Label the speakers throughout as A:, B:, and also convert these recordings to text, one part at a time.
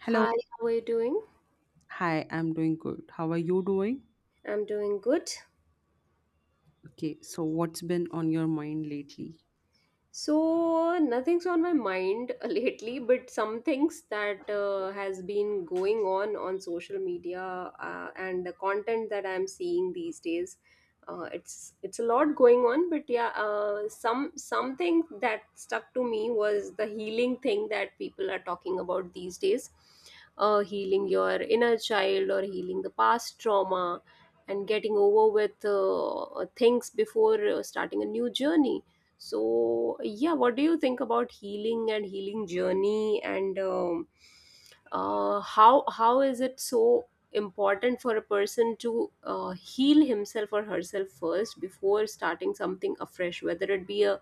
A: Hello.
B: Hi, how are you doing?
A: Hi, I'm doing good. How are you doing?
B: I'm doing good.
A: Okay, so what's been on your mind lately?
B: So nothing's on my mind lately, but some things that has been going on social media, and the content that I'm seeing these days, it's a lot going on. But yeah, something that stuck to me was the healing thing that people are talking about these days, healing your inner child or healing the past trauma, and getting over with things before starting a new journey. So, yeah, what do you think about healing and healing journey, and how is it so important for a person to heal himself or herself first before starting something afresh, whether it be a,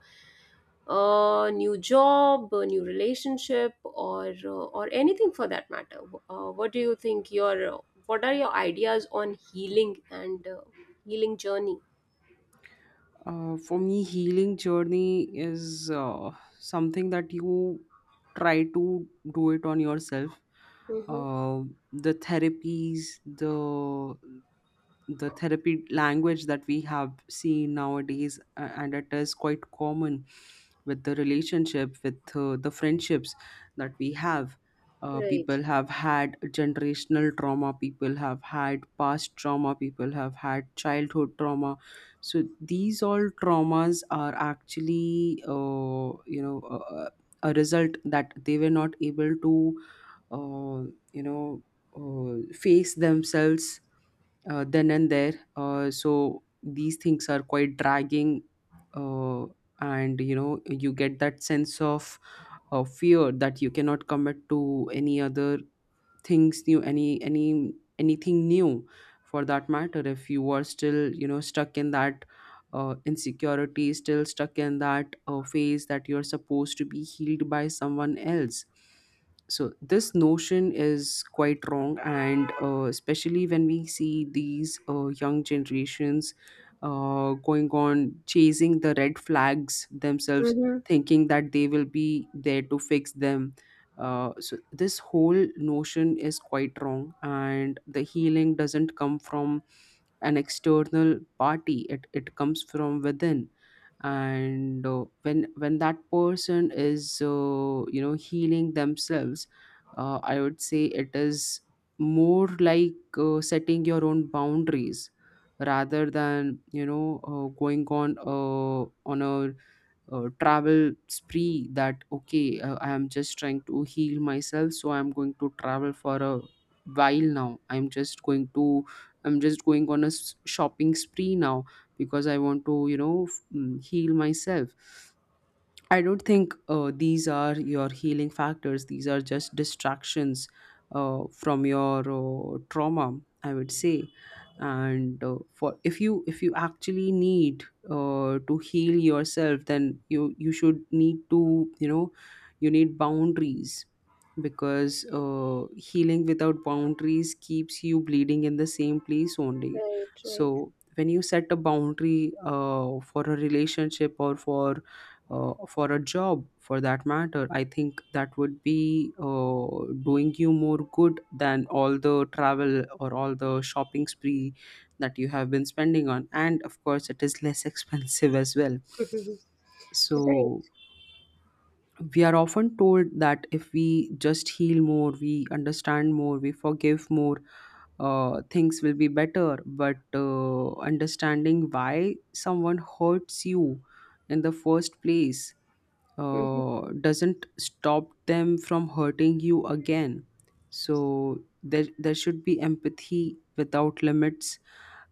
B: a new job, a new relationship, or anything for that matter? What do you think your What are your ideas on healing and healing journey?
A: For me, healing journey is something that you try to do it on yourself.
B: Mm-hmm.
A: Uh, the therapies, the therapy language that we have seen nowadays and it is quite common with the relationship with the friendships that we have.
B: Right.
A: People have had generational trauma, people have had past trauma, people have had childhood trauma, so these all traumas are actually a result that they were not able to uh, you know face themselves then and there. So these things are quite dragging, uh, and you know, you get that sense of fear that you cannot commit to any other things new, any anything new for that matter, if you are still you know stuck in that insecurity, still stuck in that phase that you're supposed to be healed by someone else. So this notion is quite wrong, and especially when we see these young generations going on chasing the red flags themselves,
B: Mm-hmm.
A: thinking that they will be there to fix them. So this whole notion is quite wrong, and the healing doesn't come from an external party. It comes from within, and when that person is you know healing themselves, I would say it is more like setting your own boundaries rather than you know going on a travel spree that okay, I am just trying to heal myself, so I'm going to travel for a while, now I'm just going to, I'm just going on a shopping spree now because I want to you know heal myself. I don't think these are your healing factors. These are just distractions from your trauma, I would say. And for if you, if you actually need to heal yourself, then you should need to you know, you need boundaries, because healing without boundaries keeps you bleeding in the same place only.
B: Right,
A: So when you set a boundary for a relationship or for a job for that matter, I think that would be doing you more good than all the travel or all the shopping spree that you have been spending on, and of course it is less expensive as well.
B: right. Right.
A: So we are often told that if we just heal more, we understand more, we forgive more, things will be better. But understanding why someone hurts you in the first place
B: Mhm.
A: doesn't stop them from hurting you again. So there should be empathy without limits,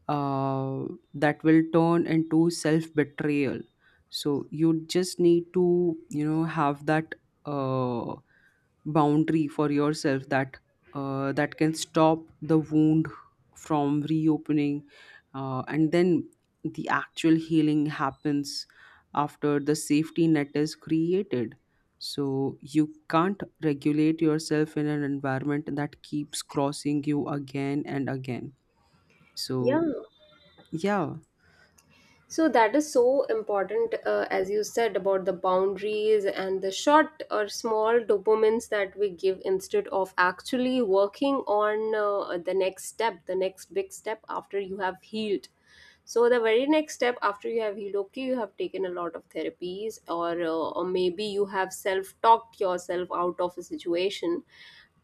A: uh, that will turn into self betrayal. So you just need to you know have that uh, boundary for yourself that that can stop the wound from reopening, and then the actual healing happens after the safety net is created. So you can't regulate yourself in an environment that keeps crossing you again and again.
B: Yeah.
A: So, yeah.
B: So that is so important, as you said, about the boundaries and the short or small dopamines that we give instead of actually working on the next step, the next big step after you have healed. So the very next step after you have healed, okay, you have taken a lot of therapies, or maybe you have self talked yourself out of a situation,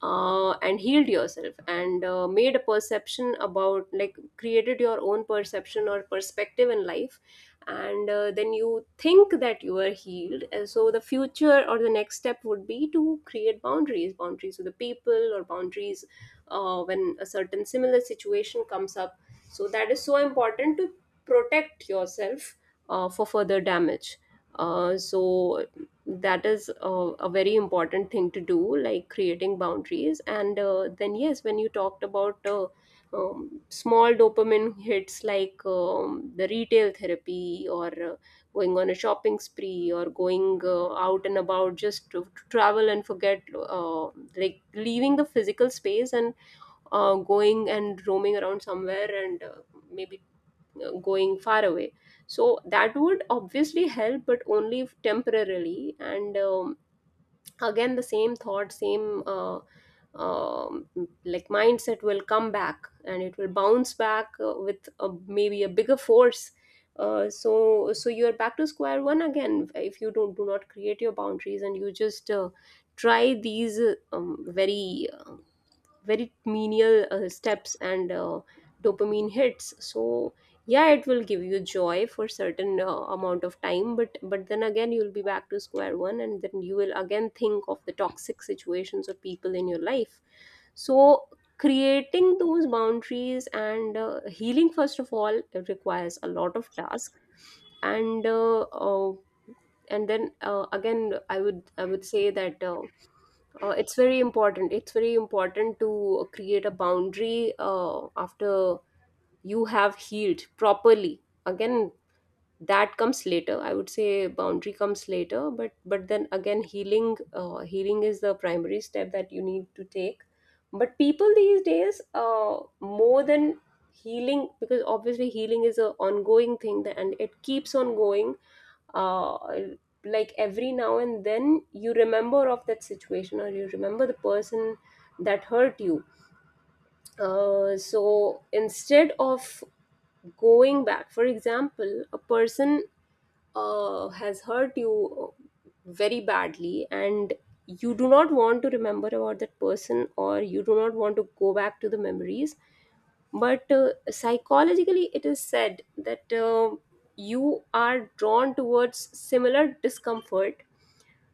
B: and healed yourself, and made a perception about like created your own perception or perspective in life, and then you think that you are healed, and so the future or the next step would be to create boundaries, boundaries with the people, or boundaries when a certain similar situation comes up. So that is so important to protect yourself for further damage, so that is a very important thing to do, like creating boundaries. And then yes, when you talked about small dopamine hits like the retail therapy, or going on a shopping spree, or going out and about just to travel and forget, like leaving the physical space and going and roaming around somewhere, and maybe going far away. So that would obviously help, but only temporarily. And again the same thought, same um, like mindset will come back, and it will bounce back with a, maybe a bigger force. So you are back to square one again if you don't do not create your boundaries, and you just try these very very menial steps and dopamine hits. So yeah, it will give you joy for certain amount of time, but then again you'll be back to square one, and then you will again think of the toxic situations or people in your life. So creating those boundaries and healing, first of all, it requires a lot of task. And uh, uh, and then again, I would say that it's very important, it's very important to create a boundary after you have healed properly. Again, that comes later, I would say, boundary comes later. But then again, healing, healing is the primary step that you need to take. But people these days, more than healing, because obviously healing is an ongoing thing and it keeps on going. uh, like every now and then you remember of that situation, or you remember the person that hurt you. So instead of going back, for example, a person has hurt you very badly, and you do not want to remember about that person, or you do not want to go back to the memories. But psychologically it is said that you are drawn towards similar discomfort,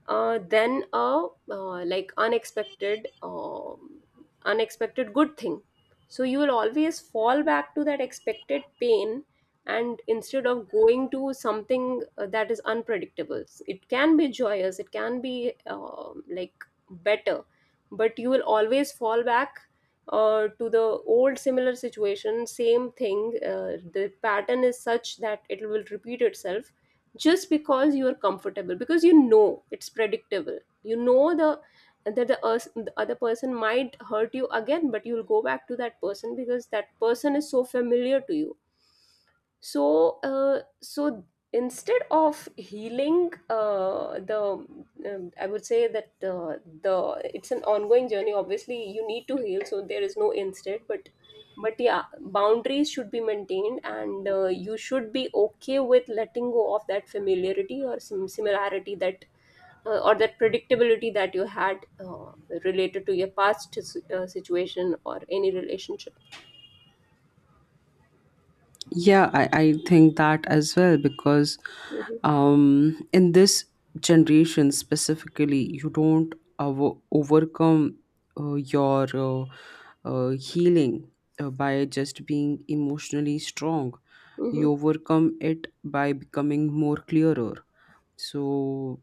B: then a like unexpected, unexpected good thing. So you will always fall back to that expected pain, and instead of going to something that is unpredictable, it can be joyous, it can be like better, but you will always fall back to the old similar situation, same thing. The pattern is such that it will repeat itself, just because you are comfortable, because you know it's predictable, you know the that the, us- the other person might hurt you again, but you'll go back to that person because that person is so familiar to you. So instead of healing, the I would say that the it's an ongoing journey. Obviously you need to heal, so there is no instant, but yeah, boundaries should be maintained, and you should be okay with letting go of that familiarity or some similarity that or that predictability that you had related to your past situation or any relationship.
A: Yeah, I think that as well, because
B: Hmm.
A: in this generation specifically, you don't overcome your healing by just being emotionally strong.
B: Hmm.
A: You overcome it by becoming more clearer. So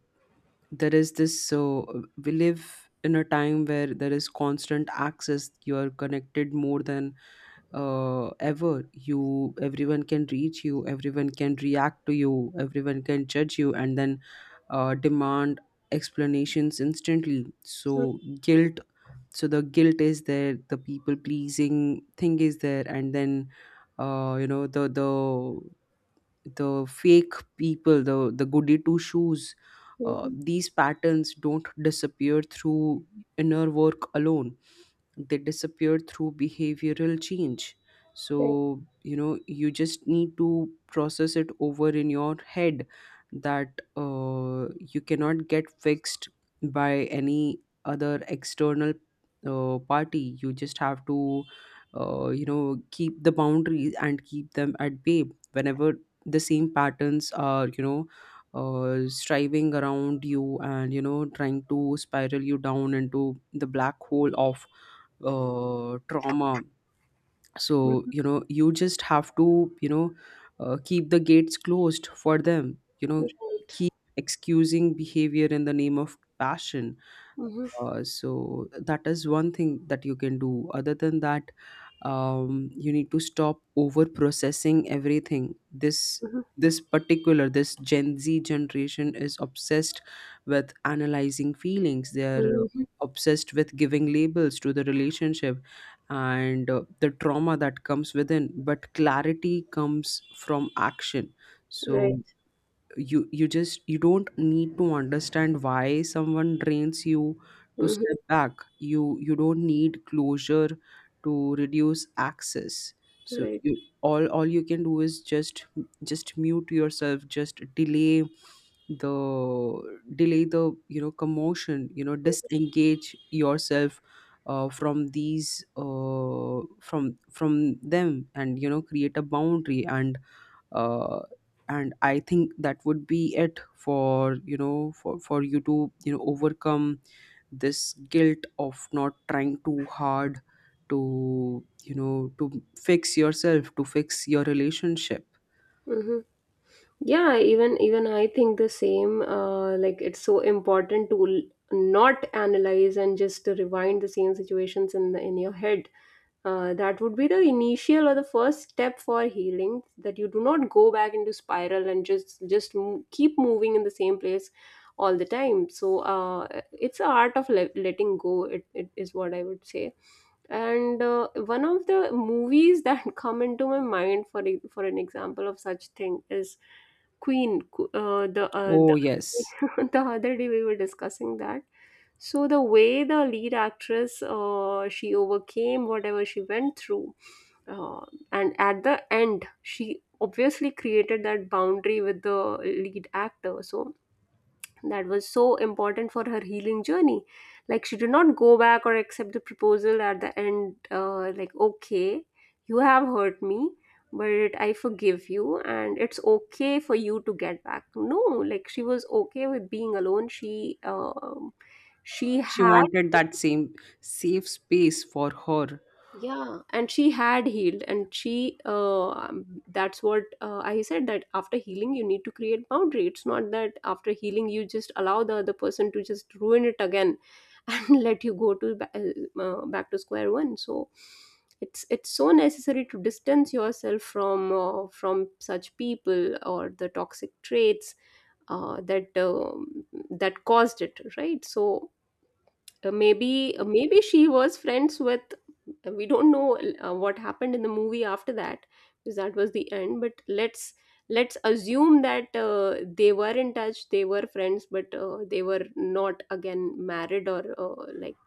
A: there is this. We live in a time where there is constant access. You are connected more than ever. You, everyone can reach you, everyone can react to you, everyone can judge you, and then demand explanations instantly. So guilt, so the guilt is there, the people pleasing thing is there, and then you know, the the fake people, the goody two shoes.
B: Hmm.
A: These patterns don't disappear through inner work alone, they disappear through behavioral change. So you know, you just need to process it over in your head that you cannot get fixed by any other external party. You just have to you know keep the boundaries and keep them at bay whenever the same patterns are you know striving around you, and you know trying to spiral you down into the black hole of trauma. So
B: Right.
A: you know, you just have to you know keep the gates closed for them, you know,
B: Right.
A: keep excusing behavior in the name of passion.
B: Mhm.
A: So that is one thing that you can do. Other than that, you need to stop over processing everything. This
B: Mhm.
A: this particular, this Gen Z generation is obsessed with analyzing feelings. They're
B: Mhm.
A: obsessed with giving labels to the relationship and the trauma that comes within. But clarity comes from action. So
B: Right.
A: you just, you don't need to understand why someone drains you to
B: Mhm.
A: step back. You don't need closure to reduce access. So
B: Right.
A: you, all you can do is just mute yourself, just delay the you know commotion, you know disengage yourself from these from them, and you know create a boundary, uh, and I think that would be it for you know for you to you know overcome this guilt of not trying too hard to you know to fix yourself, to fix your relationship.
B: Mhm. Yeah, even I think the same. Like, it's so important to not analyze and just to rewind the same situations in in your head. That would be the initial or the first step for healing. That you do not go back into spiral and just just keep moving in the same place all the time. So it's a art of letting go. It is what I would say. And one of the movies that come into my mind for an example of such thing is. Queen, the uh,
A: Oh yes,
B: the the other day we were discussing that. So the way the lead actress, she overcame whatever she went through, uh, and at the end, she obviously created that boundary with the lead actor. So that was so important for her healing journey. Like, she did not go back or accept the proposal at the end, like, okay, you have hurt me, but I forgive you, and it's okay for you to get back. No, like, she was okay with being alone. She
A: she
B: had,
A: wanted that same safe space for her.
B: yeah, and she had healed, and she that's what I said, that after healing you need to create boundary. It's not that after healing you just allow the other person to just ruin it again and let you go to back to square one. So it's so necessary to distance yourself from such people or the toxic traits that that caused it, right? So maybe she was friends with, we don't know what happened in the movie after that, because that was the end, but let's assume that they were in touch, they were friends, but they were not again married, or like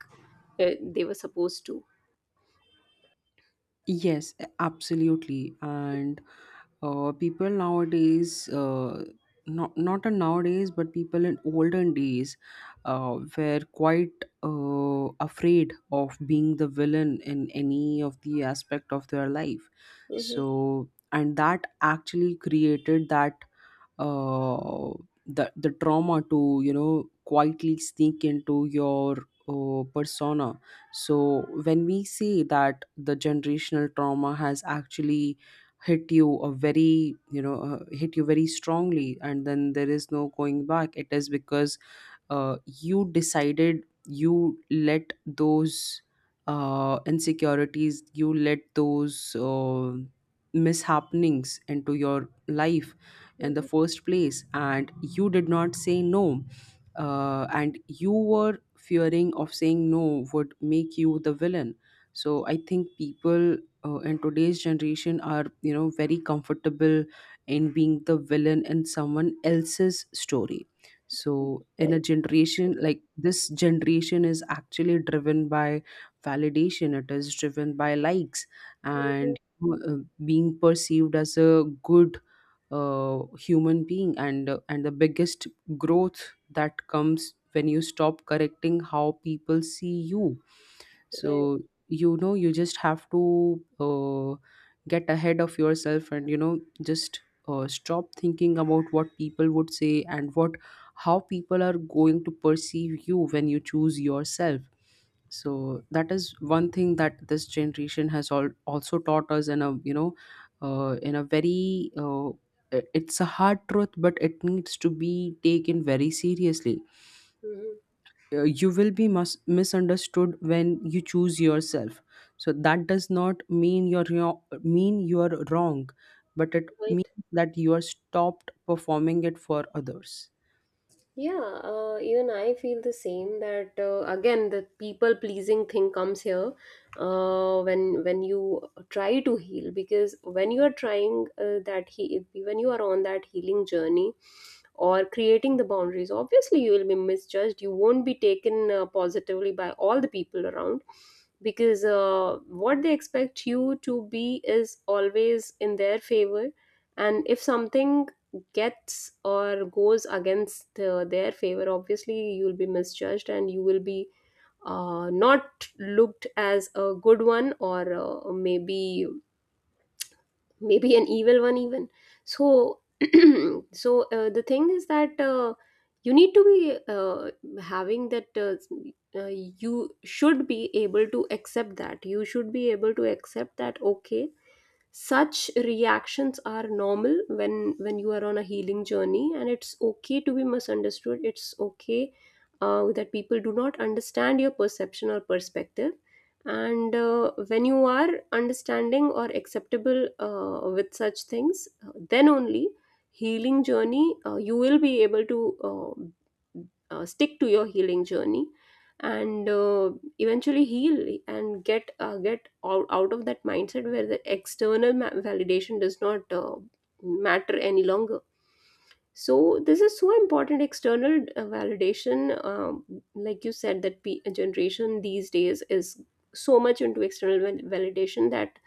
B: they were supposed to.
A: Yes, absolutely. And people nowadays, not not a nowadays, but people in olden days, were quite afraid of being the villain in any of the aspect of their life.
B: Mhm,
A: So, and that actually created that uh, the trauma to you know quietly sneak into your persona. So when we say that the generational trauma has actually hit you a very you know hit you very strongly, and then there is no going back, it is because you decided, you let those insecurities, you let those mishappenings into your life in the
B: mhm.
A: first place, and you did not say no, and you were fearing of saying no would make you the villain. So I think people in today's generation are you know very comfortable in being the villain in someone else's story. So in a
B: Right.
A: generation like this, generation is actually driven by validation, it is driven by likes,
B: Mhm.
A: and being perceived as a good human being, and the biggest growth that comes when you stop correcting how people see you.
B: Right.
A: So you know, you just have to get ahead of yourself, and you know just stop thinking about what people would say and what, how people are going to perceive you when you choose yourself. So that is one thing that this generation has all also taught us in a you know in a very it's a hard truth, but it needs to be taken very seriously.
B: Mhm.
A: You will be misunderstood when you choose yourself. So that does not mean you're mean you're wrong, but it
B: Right.
A: means that you are stopped performing it for others.
B: Yeah, even I feel the same, that again the people pleasing thing comes here when you try to heal, because when you are trying, that he when you are on that healing journey or creating the boundaries, obviously you will be misjudged, you won't be taken positively by all the people around, because what they expect you to be is always in their favor. And if something gets or goes against their favor, obviously you'll be misjudged, and you will be not looked as a good one, or maybe an evil one even. So so the thing is that you need to be having that, you should be able to accept that, you should be able to accept that okay, such reactions are normal when you are on a healing journey, and it's okay to be misunderstood, it's okay that people do not understand your perception or perspective. And when you are understanding or acceptable with such things, then only healing journey you will be able to uh, stick to your healing journey, and eventually heal and get out, of that mindset where the external validation does not matter any longer. So this is so important, external validation. Like you said, that generation these days is so much into external validation, that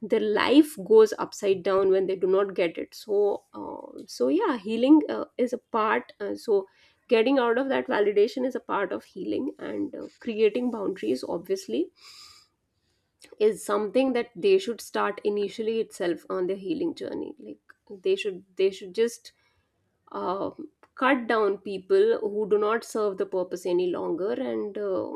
B: their life goes upside down when they do not get it. So so yeah, healing is a part, so getting out of that validation is a part of healing. And creating boundaries, obviously, is something that they should start initially itself on their healing journey. Like, they should just uh, cut down people who do not serve the purpose any longer, and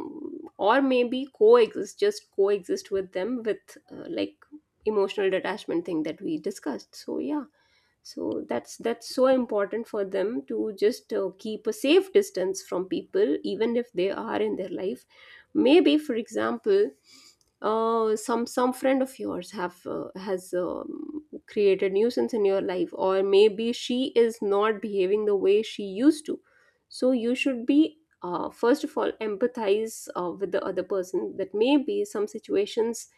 B: or maybe coexist, just coexist with them, with like emotional detachment thing that we discussed. So yeah, so that's so important for them to just keep a safe distance from people Even if they are in their life, maybe for example, some friend of yours have has created nuisance in your life, or maybe she is not behaving the way she used to. So you should be, first of all, empathize with the other person, that maybe some situations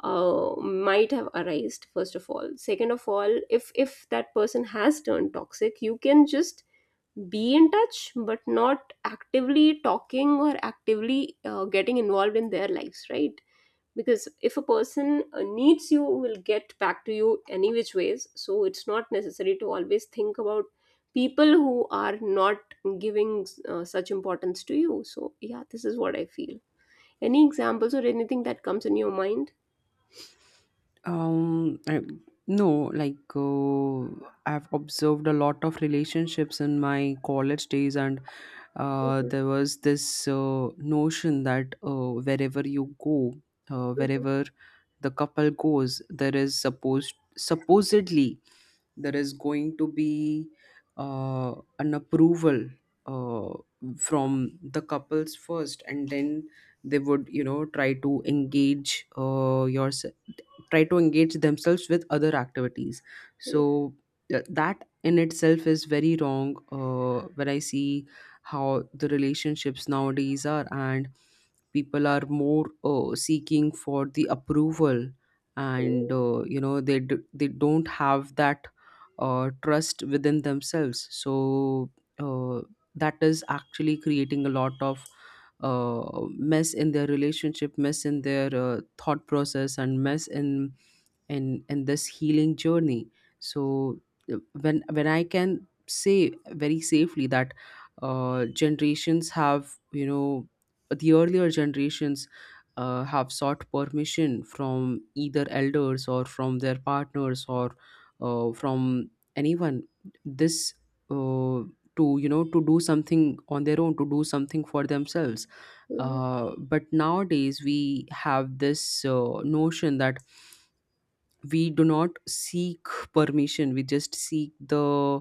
B: might have arised. First of all, second of all, if that person has turned toxic, you can just be in touch but not actively talking or actively getting involved in their lives, right? Because if a person needs, you will get back to you any which ways. So it's not necessary to always think about people who are not giving such importance to you. So yeah, this is what I feel. Any examples or anything that comes in your mind?
A: Um, I, no, like I've observed a lot of relationships in my college days, and
B: Mhm.
A: there was this notion that wherever you go,
B: Mhm.
A: wherever the couple goes, there is supposedly there is going to be an approval uh, from the couples first, and then they would you know try to engage yourself, try to engage themselves with other activities.
B: Mhm.
A: So that in itself is very wrong when I see how the relationships nowadays are, and people are more seeking for the approval, and you know they they don't have that trust within themselves. So uh, that is actually creating a lot of mess in their relationship, mess in their thought process, and mess in in this healing journey. So when I can say very safely that generations have you know, the earlier generations have sought permission from either elders or from their partners or from anyone, this uh, to you know to do something on their own, to do something for themselves.
B: Mhm.
A: But nowadays we have this notion that we do not seek permission, we just seek the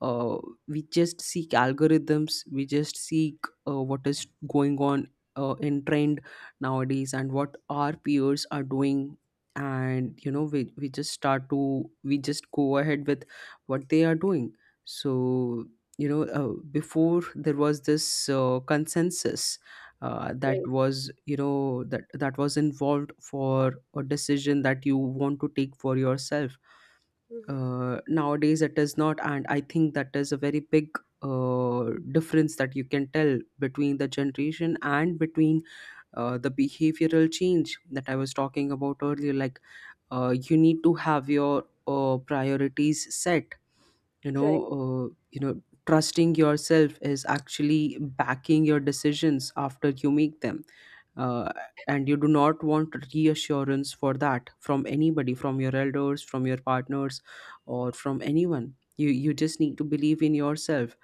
A: uh, we just seek algorithms, we just seek what is going on in trend nowadays and what our peers are doing, and you know we just start to, we just go ahead with what they are doing. So you know before there was this consensus that
B: Right.
A: was you know, that was involved for a decision that you want to take for yourself.
B: Mhm.
A: Nowadays it is not, and I think that is a very big difference that you can tell between the generation and between the behavioral change that I was talking about earlier, like you need to have your priorities set, you know,
B: Right.
A: uh, you know trusting yourself is actually backing your decisions after you make them, uh, and you do not want reassurance for that from anybody, from your elders, from your partners, or from anyone. You just need to believe in yourself.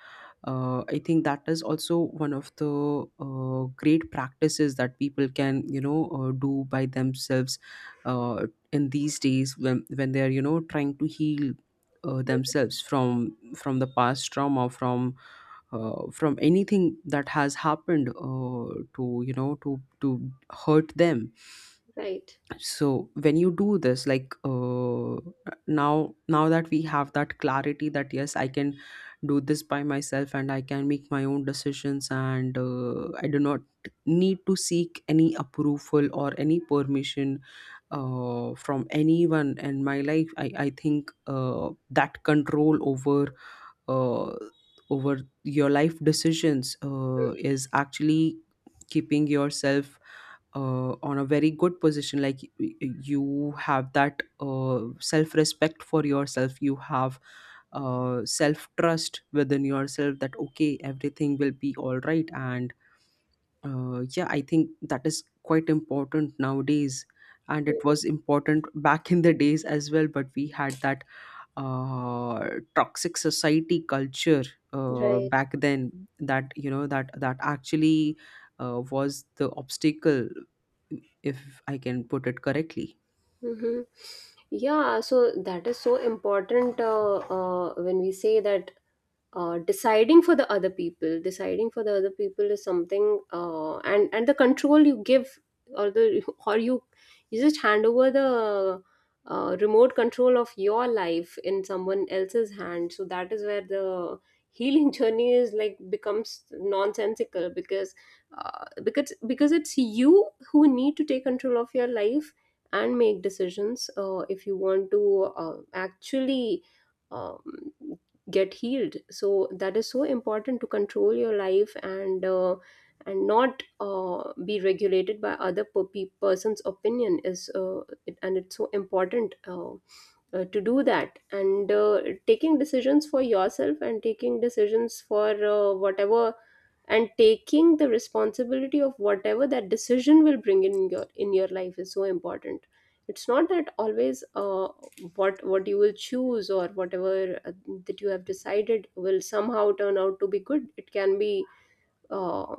A: I think that is also one of the great practices that people can do by themselves, uh, in these days when they are, trying to heal themselves from the past trauma, from from anything that has happened, to hurt them.
B: Right.
A: So when you do this, like, now that we have that clarity that yes, I can do this by myself, and I can make my own decisions, and I do not need to seek any approval or any permission from anyone in my life. I think that control over uh, over your life decisions is actually keeping yourself on a very good position, like you have that self respect for yourself, you have self trust within yourself that okay, everything will be all right. And yeah, I think that is quite important nowadays, and it
B: Mhm.
A: was important back in the days as well, but we had that toxic society culture
B: Right.
A: back then that, actually was the obstacle, if I can put it correctly.
B: Mhm. Yeah, so that is so important, when we say that, deciding for the other people, deciding for the other people is something, and the control you give, or the, or you just hand over the remote control of your life in someone else's hand. So that is where the healing journey is like becomes nonsensical, because because it's you who need to take control of your life and make decisions, if you want to actually um, get healed. So that is so important, to control your life and, and not be regulated by other per- pe- person's opinion is, and it's so important, to do that. And, taking decisions for yourself, and taking decisions for whatever, and taking the responsibility of whatever that decision will bring in your life is so important. It's not that always, what you will choose, or whatever that you have decided will somehow turn out to be good. It can be, uh,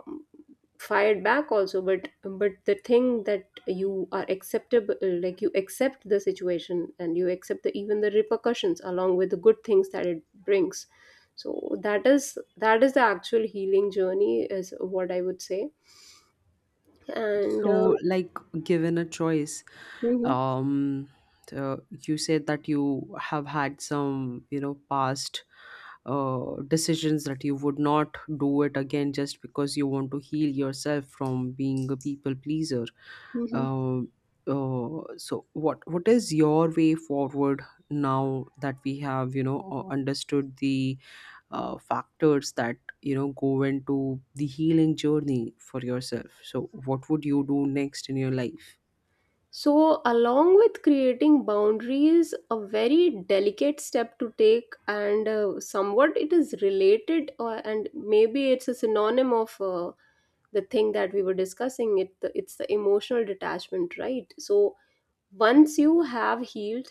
B: fired back also. But the thing that you are acceptable, like, you accept the situation and you accept the, even the repercussions along with the good things that it brings. So that is, that is the actual healing journey, is what I would say. And
A: So, like, given a choice,
B: mhm.
A: um, so you said that you have had some, you know, past decisions that you would not do it again just because you want to heal yourself from being a people pleaser.
B: Mhm.
A: Um, so, what is your way forward now that we have, you know, understood the factors that, you know, go into the healing journey for yourself? So what would you do next in your life?
B: So along with creating boundaries, a very delicate step to take, and somewhat it is related, and maybe it's a synonym of, the thing that we were discussing, it's the emotional detachment, right? So once you have healed,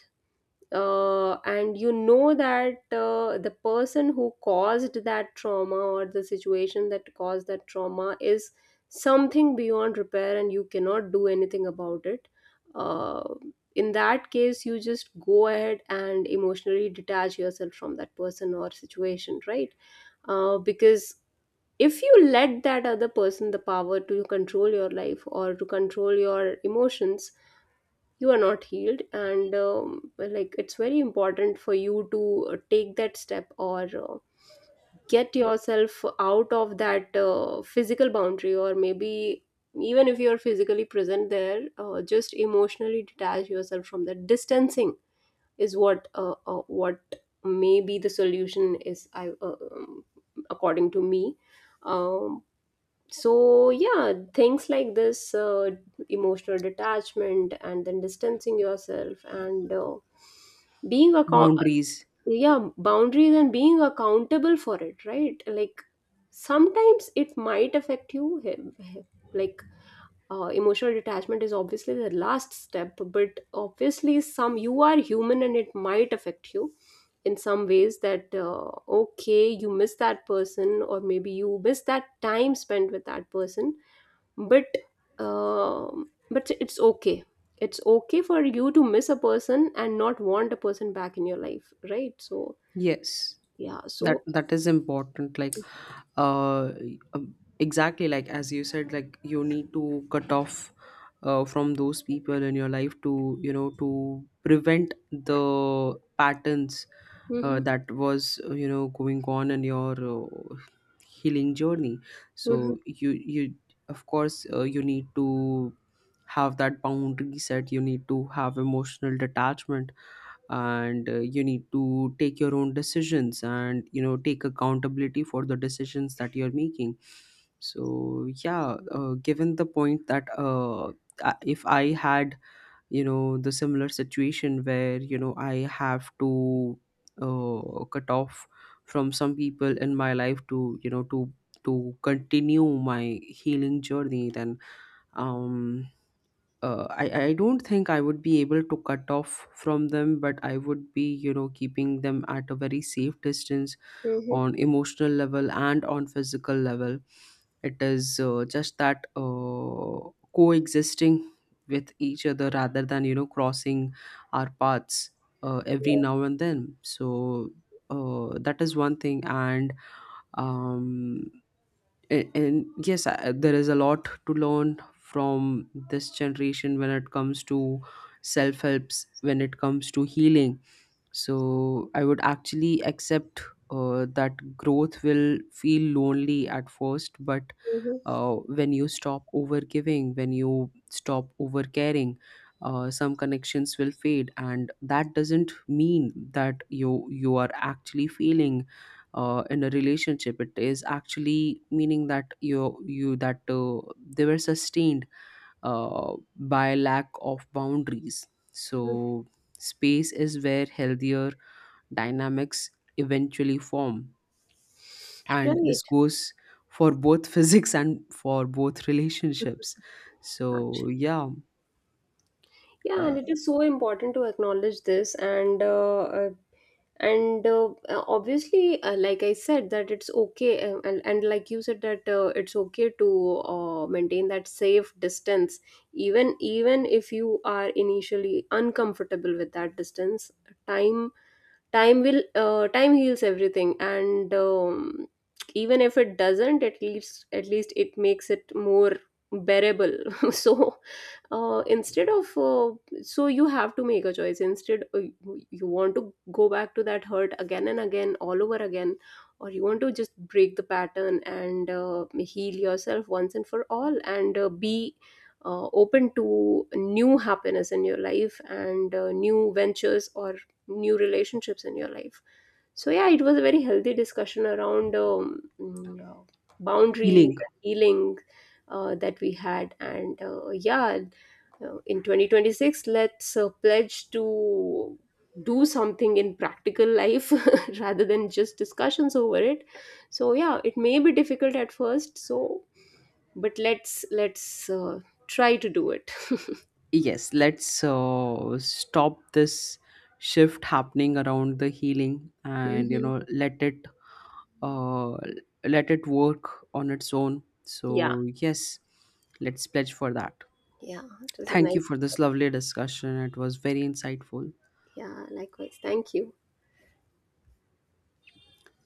B: and you know that the person who caused that trauma, or the situation that caused that trauma, is something beyond repair and you cannot do anything about it, uh, in that case you just go ahead and emotionally detach yourself from that person or situation, right? Because if you let that other person the power to control your life or to control your emotions, you are not healed. And, like, it's very important for you to take that step, or get yourself out of that physical boundary, or maybe even if you're physically present there, just emotionally detach yourself from that. Distancing is what, what may be the solution is, I according to me. um, so yeah, things like this, emotional detachment, and then distancing yourself, and being account,
A: Boundaries.
B: yeah, boundaries and being accountable for it, right? Like, sometimes it might affect you, him- him- like, emotional detachment is obviously the last step, but obviously some, you are human and it might affect you in some ways, that, okay, you miss that person, or maybe you miss that time spent with that person. But, but it's okay. It's okay for you to miss a person and not want a person back in your life, right? So
A: Yes,
B: yeah,
A: that
B: so
A: that is important. Like, uh, exactly like as you said, like you need to cut off from those people in your life to, you know, to prevent the patterns
B: mm-hmm.
A: that was, you know, going on in your healing journey.
B: Mm-hmm.
A: So you of course you need to have that boundary set, you need to have emotional detachment, and you need to take your own decisions and, you know, take accountability for the decisions that you're making. So yeah, given the point that, if I had, you know, the similar situation where, you know, I have to cut off from some people in my life to, you know to continue my healing journey, then um I don't think I would be able to cut off from them, but I would be, you know, keeping them at a very safe distance
B: Mm-hmm.
A: on emotional level and on physical level. It is just that coexisting with each other rather than, you know, crossing our paths every
B: Mm-hmm.
A: now and then. So that is one thing. And um, and yes, I, there is a lot to learn from this generation when it comes to self helps, when it comes to healing. So I would actually accept that growth will feel lonely at first, but when you stop overgiving, when you stop overcaring, some connections will fade, and that doesn't mean that you are actually failing in a relationship. It is actually meaning that you that they were sustained by lack of boundaries.
B: Mm-hmm.
A: So space is where healthier dynamics eventually form, and this
B: Right.
A: goes for both physics and for both relationships. So
B: Actually,
A: yeah.
B: yeah, and it
A: uh,
B: is so important to acknowledge this. And, and, obviously, like I said, that it's okay, and like you said that, it's okay to maintain that safe distance, even even if you are initially uncomfortable with that distance. Time time will, time heals everything. And, even if it doesn't, at least, at least it makes it more bearable so, instead of so you have to make a choice. Instead, you want to go back to that hurt again and again all over again, or you want to just break the pattern and heal yourself once and for all, and be open to new happiness in your life, and new ventures, or new relationships in your life. So yeah, it was a very healthy discussion around, boundaries
A: Healing.
B: and healing, that we had. And yeah, in 2026 let's pledge to do something in practical life rather than just discussions over it. So yeah, it may be difficult at first. So, but let's try to do it
A: Yes, let's stop this shift happening around the healing, and, you
B: Mhm.
A: know, uh, let it work on its own.
B: Yeah.
A: So yes, let's pledge for that.
B: Yeah, it was a
A: Thank you
B: nice
A: for this
B: discussion.
A: lovely discussion, it was very insightful.
B: Yeah, likewise, thank you.